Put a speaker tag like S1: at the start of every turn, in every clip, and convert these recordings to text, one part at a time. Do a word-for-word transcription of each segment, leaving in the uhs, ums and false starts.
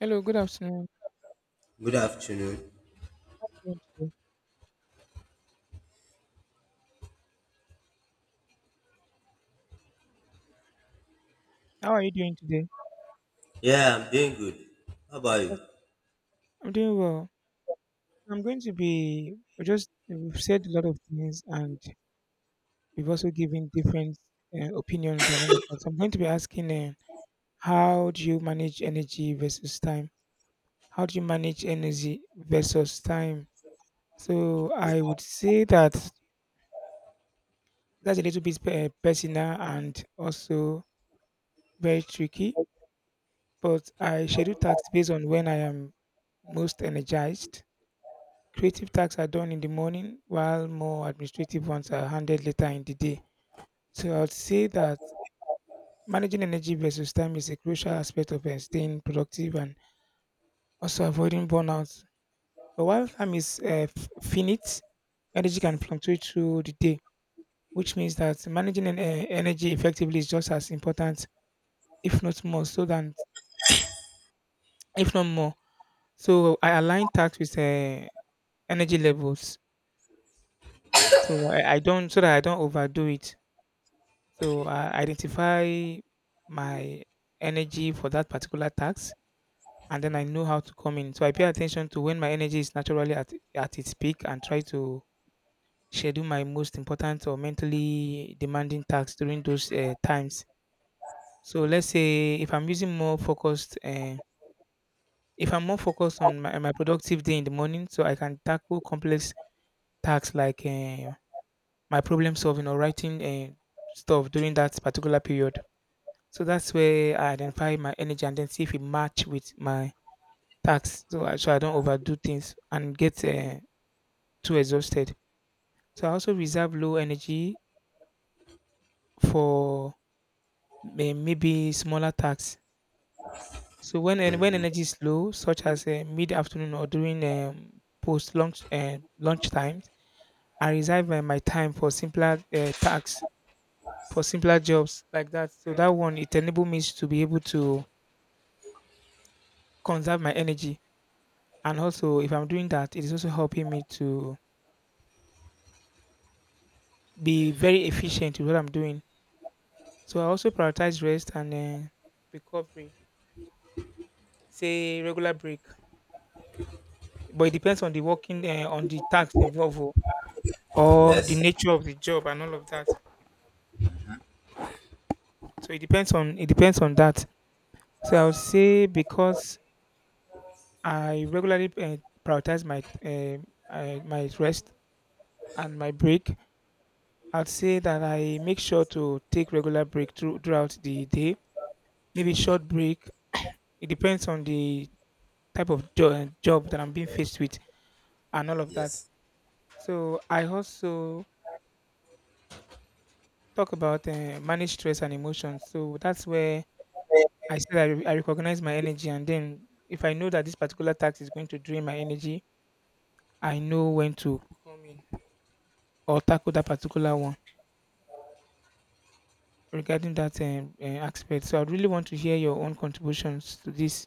S1: Hello, good afternoon. How are you doing today? How are you doing today? I just- I'm doing well. I'm going to be we just We've said a lot of things and we've also given different uh, opinions and all of that. So I'm going to be asking uh, how do you manage energy versus time? How do you manage energy versus time? So I would say that that's a little bit uh, personal and also very tricky, but I schedule tasks based on when I am most energized. Creative tasks are done in the morning, while more administrative ones are handled later in the day. So I would say that managing energy versus time is a crucial aspect of uh, staying productive and also avoiding burnout. But while time is uh, f- finite, energy can fluctuate through the day, which means that managing en- eh, energy effectively is just as important, if not more, so than if not more. So I align tasks with uh, energy levels, so I, I don't so that I don't overdo it. So I identify my energy for that particular task and then I know how to come in. So I pay attention to when my energy is naturally at at its peak and try to schedule my most important or mentally demanding tasks during those uh, times. So let's say if I'm using more focused, uh, if I'm more focused on my, my productive day in the morning, so I can tackle complex tasks like uh, my problem solving or writing uh, stuff during that particular period. So that's where I identify my energy and then see if it match with my tasks. So I, so I don't overdo things and get uh, too exhausted. So I also reserve low energy for may- maybe smaller tasks. So when en- when energy is low, such as uh, mid afternoon or during um, post lunch uh, lunch times, I reserve uh, my time for simpler uh, tasks, for simpler jobs like that. So that one it enables me to be able to conserve my energy. And also, if I'm doing that, it is also helping me to be very efficient with what I'm doing. So I also prioritize rest and uh, recovery, say regular break. But it depends on the working, uh, on the tasks involved, oh, or the nature of the job and all of that. So it depends on it depends on that. So I would say because I regularly uh, prioritize my uh, uh, my rest and my break, I'd say that I make sure to take regular break through, throughout the day, maybe short break. It depends on the type of jo- eh, job that I'm being faced with and all of that. So I also talk about uh, manage stress and emotions. So that's where I said I, re- I recognize my energy, and then if I know that this particular task is going to drain my energy, I know when to come in or tackle that particular one regarding that um, uh, aspect. So I really want to hear your own contributions to this.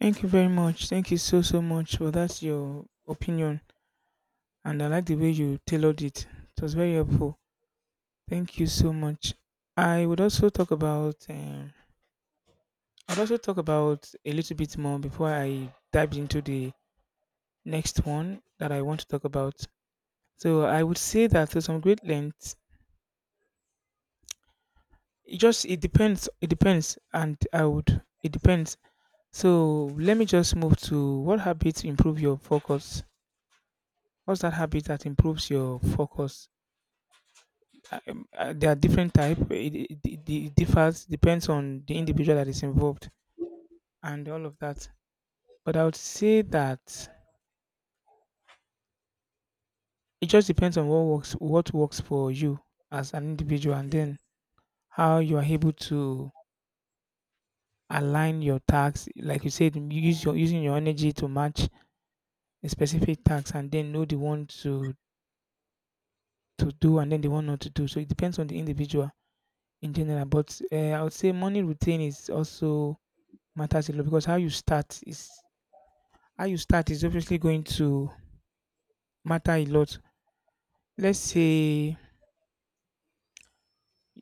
S1: Thank you very much. Thank you so so much for that's your opinion, and I like the way you tailored it. It was very helpful. Thank you so much. I would also talk about um, I'd also talk about a little bit more before I dive into the next one that I want to talk about. So I would say that to some great length, it just it depends. It depends, and I would it depends. So let me just move to what habits improve your focus. What's that habit that improves your focus? Uh, Um, uh, there are different type. It, it, it it differs, depends on the individual that is involved and all of that. But I would say that it just depends on what works what works for you as an individual, and then how you are able to align your tasks. Like you said, you use your using your energy to match a specific task, and then know the one to to do and then the one not to do. So it depends on the individual in general. But uh, I would say morning routine is also matters a lot because how you start is how you start is obviously going to matter a lot. Let's say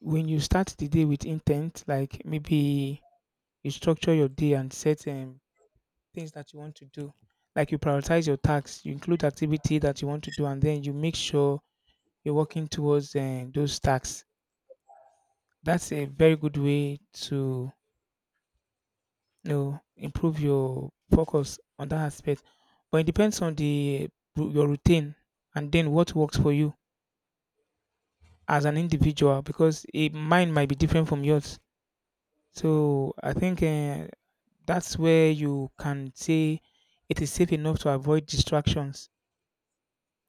S1: when you start the day with intent, like maybe you structure your day and set um, things that you want to do, like you prioritize your tasks, you include activity that you want to do, and then you make sure you're working towards um, those tasks. That's a very good way to you know improve your focus on that aspect. But it depends on the your routine and then what works for you as an individual because it, mine might be different from yours. So I think uh, that's where you can say it is safe enough to avoid distractions,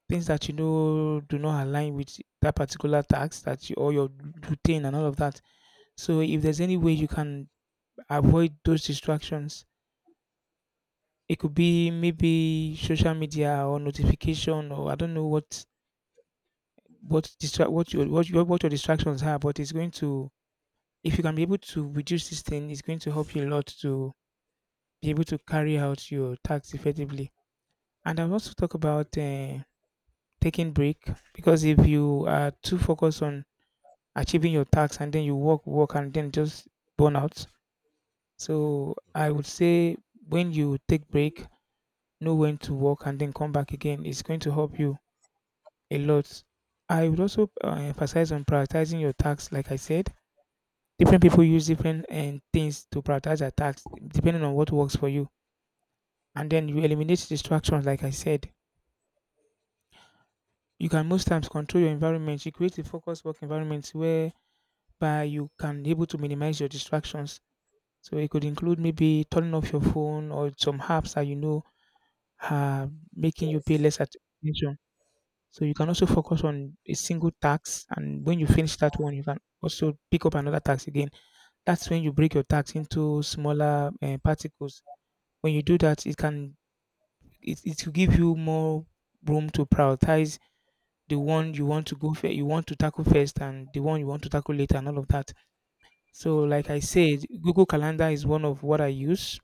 S1: things that you know do not align with that particular task that you or your routine and all of that. So if there's any way you can avoid those distractions, it could be maybe social media or notification or I don't know what what distract what your what your what your distractions are, but it's going to, if you can be able to reduce this thing, it's going to help you a lot to be able to carry out your tasks effectively. And I'll also talk about uh, taking break, because if you are too focused on achieving your tasks and then you work, work, and then just burn out. So I would say when you take break, know when to work and then come back again. It's going to help you a lot. I would also uh, emphasize on prioritizing your tasks, like I said different people use different and things to prioritize their tasks depending on what works for you, and then you eliminate distractions like I said. You can most times control your environment, you create a focused work environment whereby you can able to minimize your distractions. So it could include maybe turning off your phone or some apps that you know are making you pay less attention. So you can also focus on a single task and when you finish that one you can also pick up another task again. That's when you break your task into smaller uh, particles. When you do that it can it, it will give you more room to prioritize the one you want to go fir- you want to tackle first and the one you want to tackle later and all of that. So like I said, Google Calendar is one of what I use.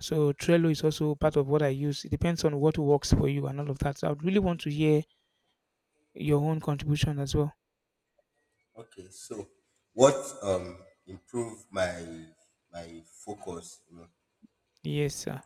S1: So Trello is also part of what I use. It depends on what works for you and all of that. So I would really want to hear your own contribution as well. Yes, sir.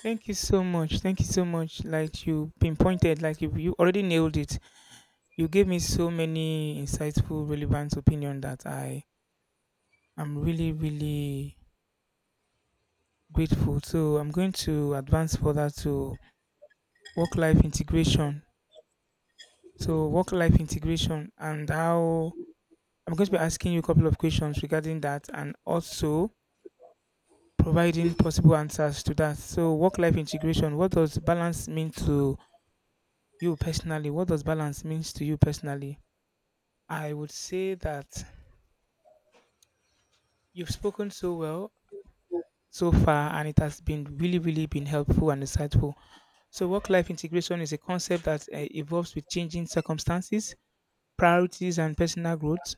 S1: Thank you so much. Thank you so much. Like you pinpointed, like you, you already nailed it. You gave me so many insightful, relevant opinion that I am really, really grateful. So I'm going to advance further to work life integration. So work life integration and how, I'm going to be asking you a couple of questions regarding that and also providing possible answers to that. So work life integration, what does balance mean to you personally? What does balance means to you personally? I would say that you've spoken so well so far and it has been really really been helpful and insightful. So work life integration is a concept that uh, evolves with changing circumstances, priorities and personal growth.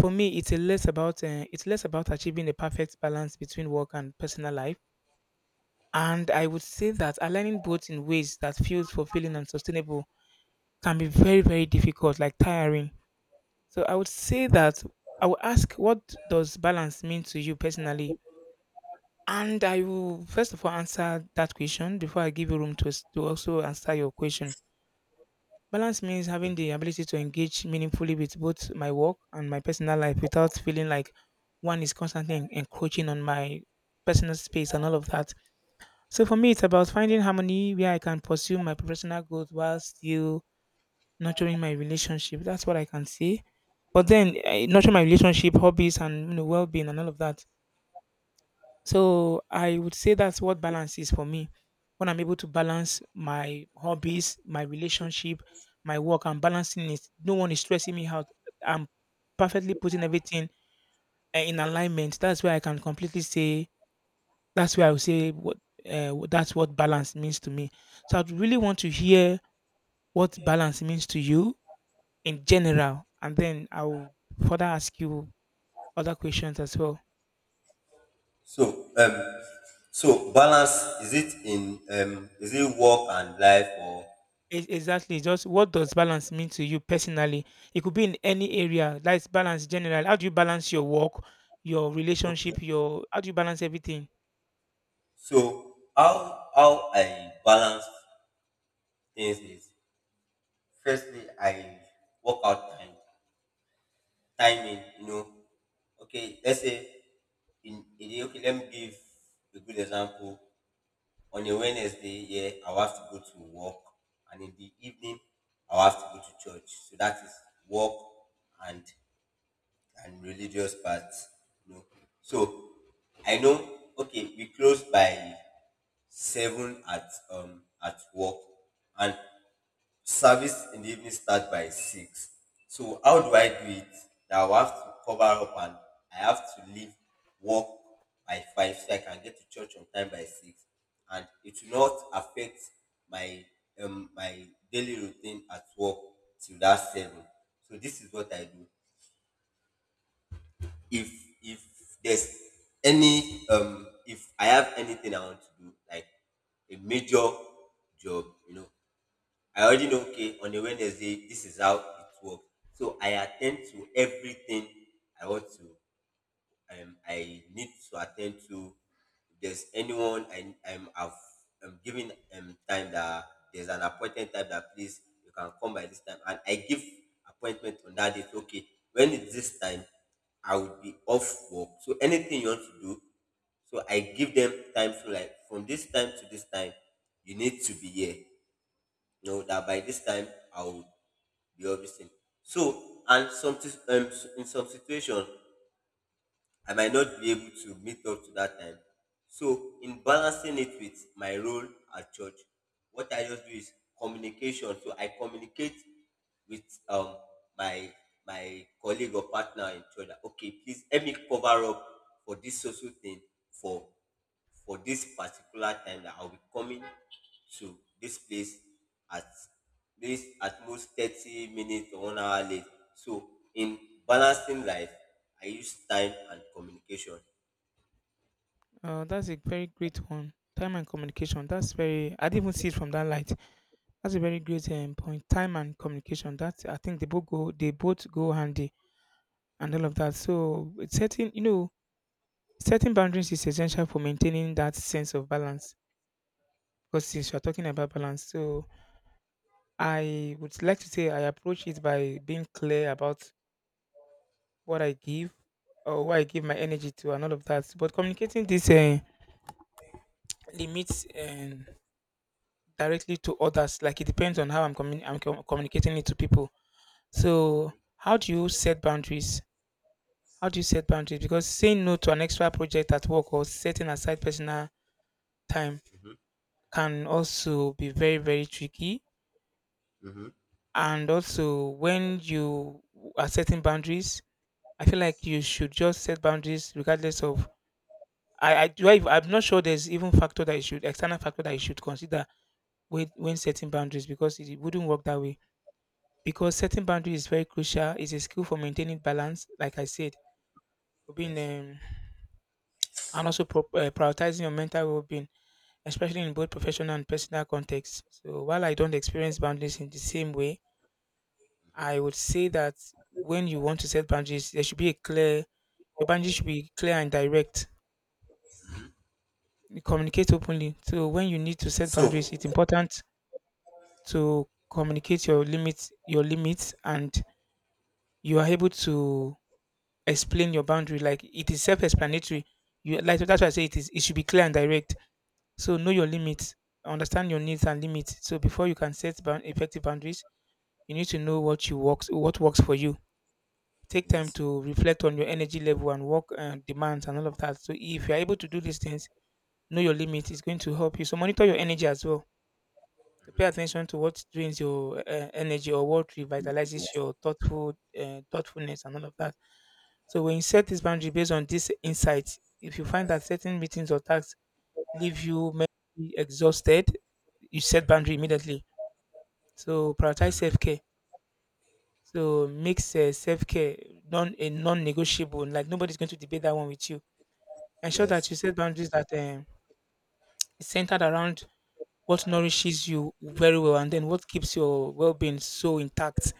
S1: For me, it's a less about uh, it's less about achieving a perfect balance between work and personal life, and I would say that aligning both in ways that feels fulfilling and sustainable can be very very difficult, like tiring. So I would say that I will ask, what does balance mean to you personally? And I will first of all answer that question before I give you room to s- to also answer your question. Balance means having the ability to engage meaningfully with both my work and my personal life without feeling like one is constantly en- encroaching on my personal space and all of that. So for me, it's about finding harmony where I can pursue my professional goals while still nurturing my relationship. That's what I can say. But then, I nurture my relationship, hobbies, and you know, well-being and all of that. So I would say that's what balance is for me. When I'm able to balance my hobbies, my relationship, my work, I'm balancing it. No one is stressing me out. I'm perfectly putting everything uh, in alignment. That's where I can completely say. That's where I would say what uh, wh- that's what balance means to me. So I'd really want to hear what balance means to you in general, and then I will further ask you other questions as well. Ex exactly, just what does balance mean to you personally? It could be in any area, that's balance general. How do you balance your work, your relationship, your how do you balance everything? Uh, that's a very great one. Time and communication. That's very. I didn't even see it from that light. That's a very great um, point. Time and communication. That I think they both go. They both go handy and all of that. So it's setting, you know, setting boundaries is essential for maintaining that sense of balance. Because since you're talking about balance, so I would like to say I approach it by being clear about what I give or what I give my energy to and all of that. But communicating this uh, limits um, directly to others, like it depends on how I'm, communi- I'm com- communicating it to people. So, how do you set boundaries? How do you set boundaries? Because saying no to an extra project at work or setting aside personal time can also be very, very tricky. And also, when you are setting boundaries, I feel like you should just set boundaries regardless of. I, I do. I, I'm not sure there's even factor that you should external factor that you should consider when when setting boundaries because it, it wouldn't work that way. Because setting boundaries is very crucial. It's a skill for maintaining balance, like I said, being um, and also pro- uh, prioritizing your mental well-being, especially in both professional and personal contexts. So while I don't experience boundaries in the same way, I would say that when you want to set boundaries, there should be a clear. Your boundaries should be clear and direct. You communicate openly. So when you need to set boundaries, it's important to communicate your limits, your limits, and you are able to explain your boundary. Like it is self-explanatory. You like that's why I say it is. It should be clear and direct. So know your limits, understand your needs and limits. So before you can set bound, effective boundaries, you need to know what you works, what works for you. Take time to reflect on your energy level and work uh, demands and all of that. So if you are able to do these things, know your limits. It's going to help you. So monitor your energy as well to pay attention to what drains your uh, energy or what revitalizes your thoughtful uh, thoughtfulness and all of that. So when you set this boundary based on this insight, if you find that certain meetings or tasks leave you mentally exhausted, you set boundary immediately. So prioritize self care. So makes uh, self care non a non-negotiable. Like nobody's going to debate that one with you. Ensure that you set boundaries that um, is centered around what nourishes you very well and then what keeps your well-being so intact,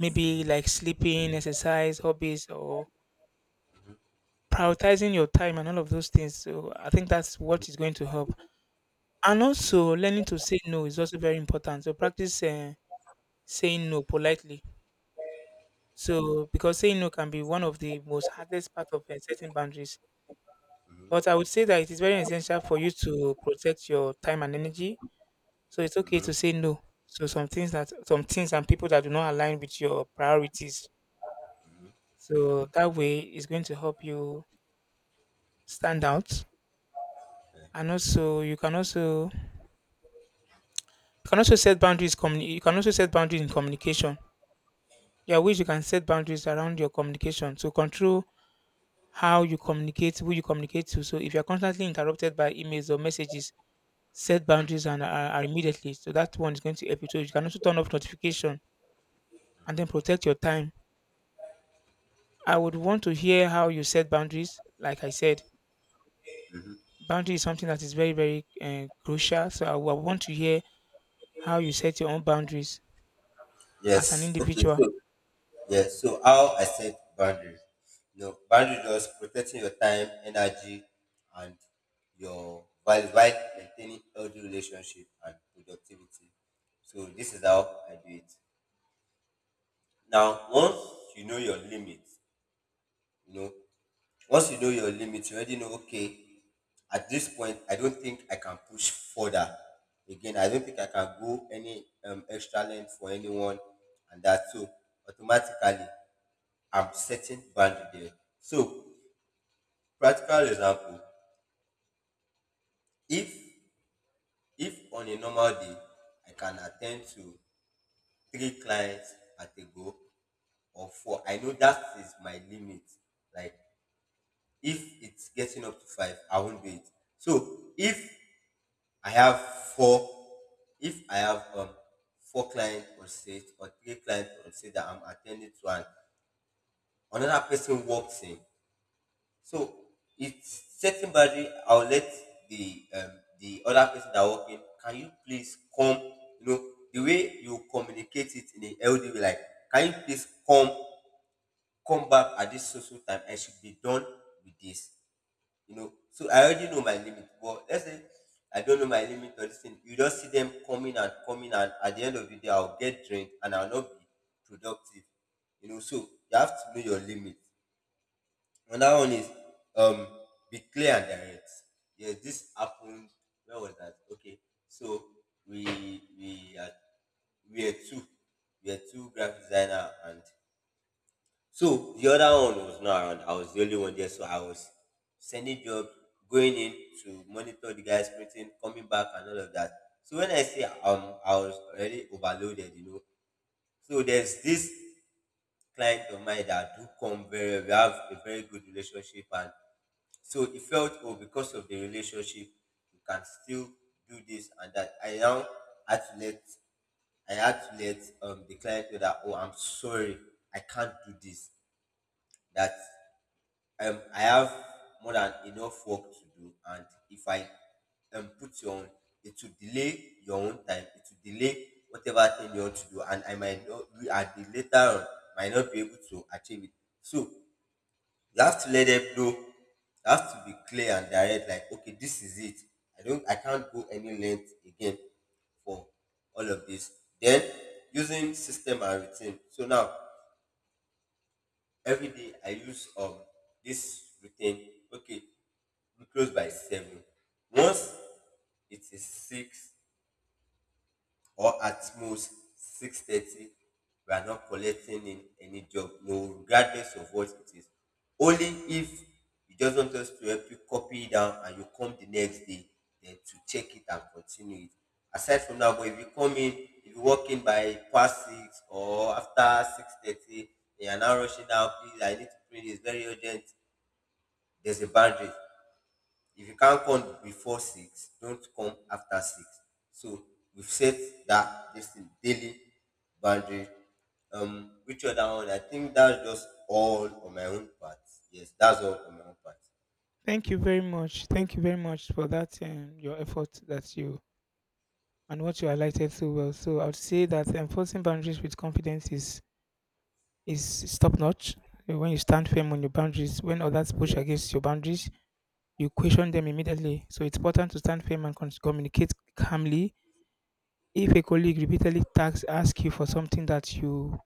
S1: maybe like sleeping, exercise, hobbies, or prioritizing your time and all of those things. So I think that's what is going to help. And also, learning to say no is also very important. So practice uh, saying no politely. So because saying no can be one of the most hardest part of uh, setting boundaries. But I would say that it is very essential for you to protect your time and energy. So it's okay to say no. So some things that some things and people that do not align with your priorities. So that way it's going to help you stand out, and also you can also you can also set boundaries communi- you can also set boundaries in communication. There are ways you can set boundaries around your communication to control how you communicate who you communicate to. So if you're constantly interrupted by emails or messages, set boundaries and are, are immediately, so that one is going to help you. So you can also turn off notification and then protect your time. I would want to hear how you set boundaries. Like I said, boundary is something that is very, very uh, crucial, so I would want to hear how you set your own boundaries as an individual. Thank you very much. Thank you very much for that um, your effort that you and what you highlighted so well. So I would say that enforcing boundaries with confidence is is top notch. When you stand firm on your boundaries, when others push against your boundaries, you question them immediately. So it's important to stand firm and con- communicate calmly. If a colleague repeatedly tags ask you for something that you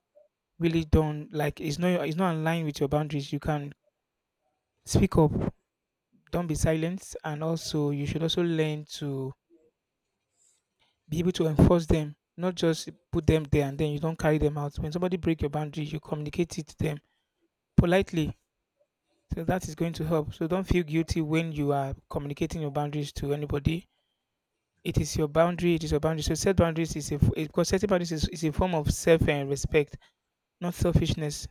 S1: really don't like, it's not it's not in line with your boundaries. You can speak up. Don't be silent, and also you should also learn to be able to enforce them, not just put them there and then you don't carry them out. When somebody break your boundary, you communicate it to them politely. So that is going to help. So don't feel guilty when you are communicating your boundaries to anybody. It is your boundary. It is your boundary. So set boundaries is a f- it- because setting boundaries is, is a form of self and respect, not selfishness.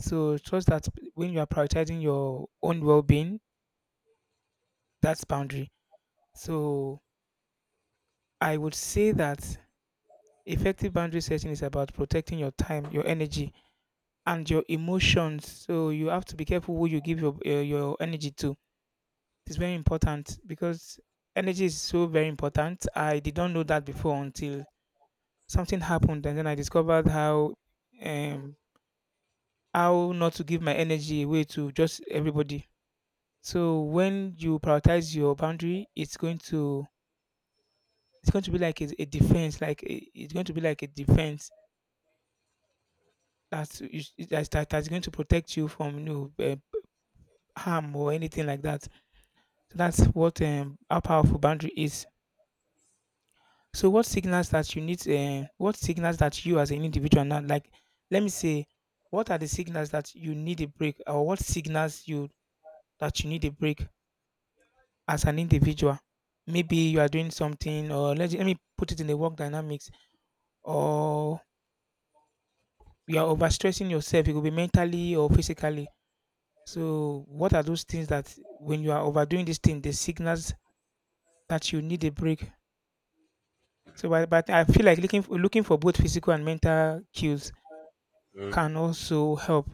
S1: So trust that when you are prioritizing your own well-being, that's boundary. So I would say that effective boundary setting is about protecting your time, your energy, and your emotions. So you have to be careful who you give your uh, your energy to. It's very important because energy is so very important. I did not know that before until something happened, and then I discovered how um how not to give my energy away to just everybody. So when you prioritize your boundary, it's going to it's going to be like a, a defense, like a, it's going to be like a defense that's that's that's going to protect you from you know, uh, harm or anything like that. So that's what um how powerful boundary is. So what signals that you need um what signals that you as an individual now, like let me say, what are the signals that you need a break or what signals you that you need a break as an individual? Maybe you are doing something, or let, let me put it in the work dynamics, or you are overstressing yourself. It could be mentally or physically. So what are those things that when you are overdoing this thing, the signals that you need a break? So, but, but I feel like looking for, looking for both physical and mental cues can also help.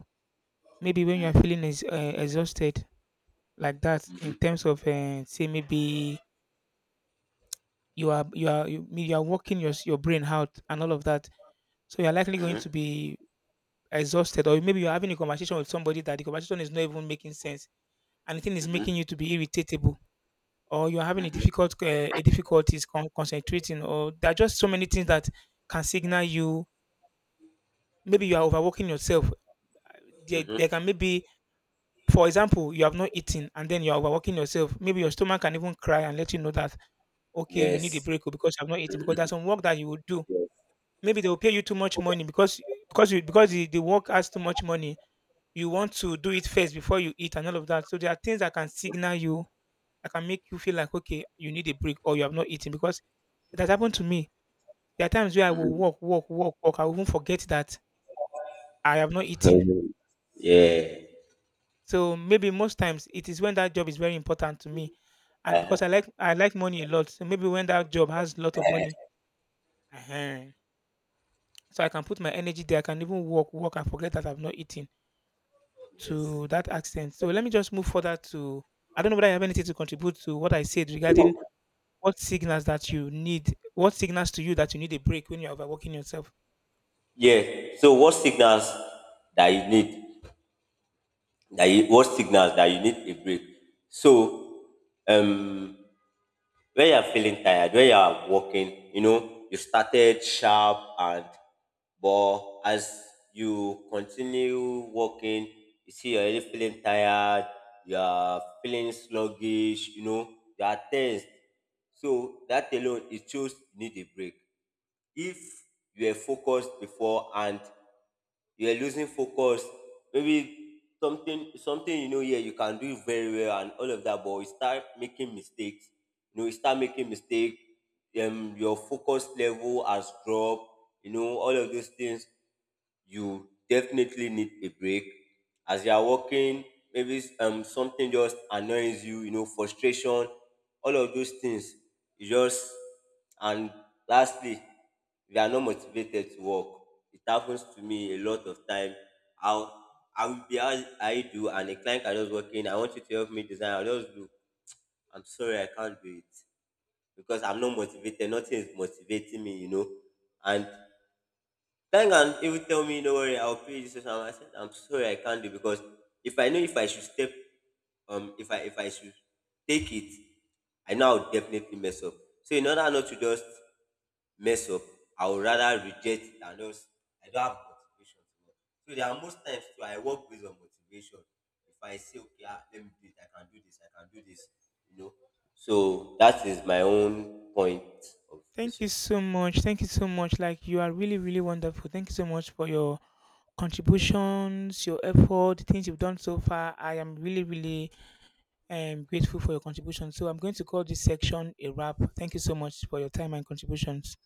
S1: Maybe when you are feeling ex- uh, exhausted like that, in terms of uh, say maybe you are you are you, you are working your s- your brain out and all of that, so you are likely going to be exhausted, or maybe you are having a conversation with somebody that the conversation is not even making sense, and the thing is making you to be irritatable, or you are having a difficult uh, a difficulties con- concentrating, or there are just so many things that can signal you. Maybe you are overworking yourself. They, they can maybe, for example, you have not eaten and then you are overworking yourself. Maybe your stomach can even cry and let you know that, okay, you need a break oh, because you have not eaten because there's some work that you will do. Maybe they will pay you too much money because because you, because the, the work has too much money. You want to do it first before you eat and all of that. So there are things that can signal you that can make you feel like okay, you need a break or you have not eaten because it has happened to me. There are times where I will walk, walk, walk, walk. I will even forget that I have not eaten. So maybe most times it is when that job is very important to me, and because I like I like money a lot, so maybe when that job has a lot of money, ehen, so I can put my energy there. I can even walk, walk, and forget that I've not eaten to that accent. So let me just move further to. I don't know whether I have anything to contribute to what I said regarding what signals that you need, what signals to you that you need a break when you're overworking yourself.
S2: Yeah. So what signals that you need? That you, what signals that you need a break?
S1: Thank you so much. Thank you so much. Like you are really, really wonderful. Thank you so much for your contributions, your effort, the things you've done so far. I am really, really I'm grateful for your contribution. So I'm going to call this section a wrap. Thank you so much for your time and contributions.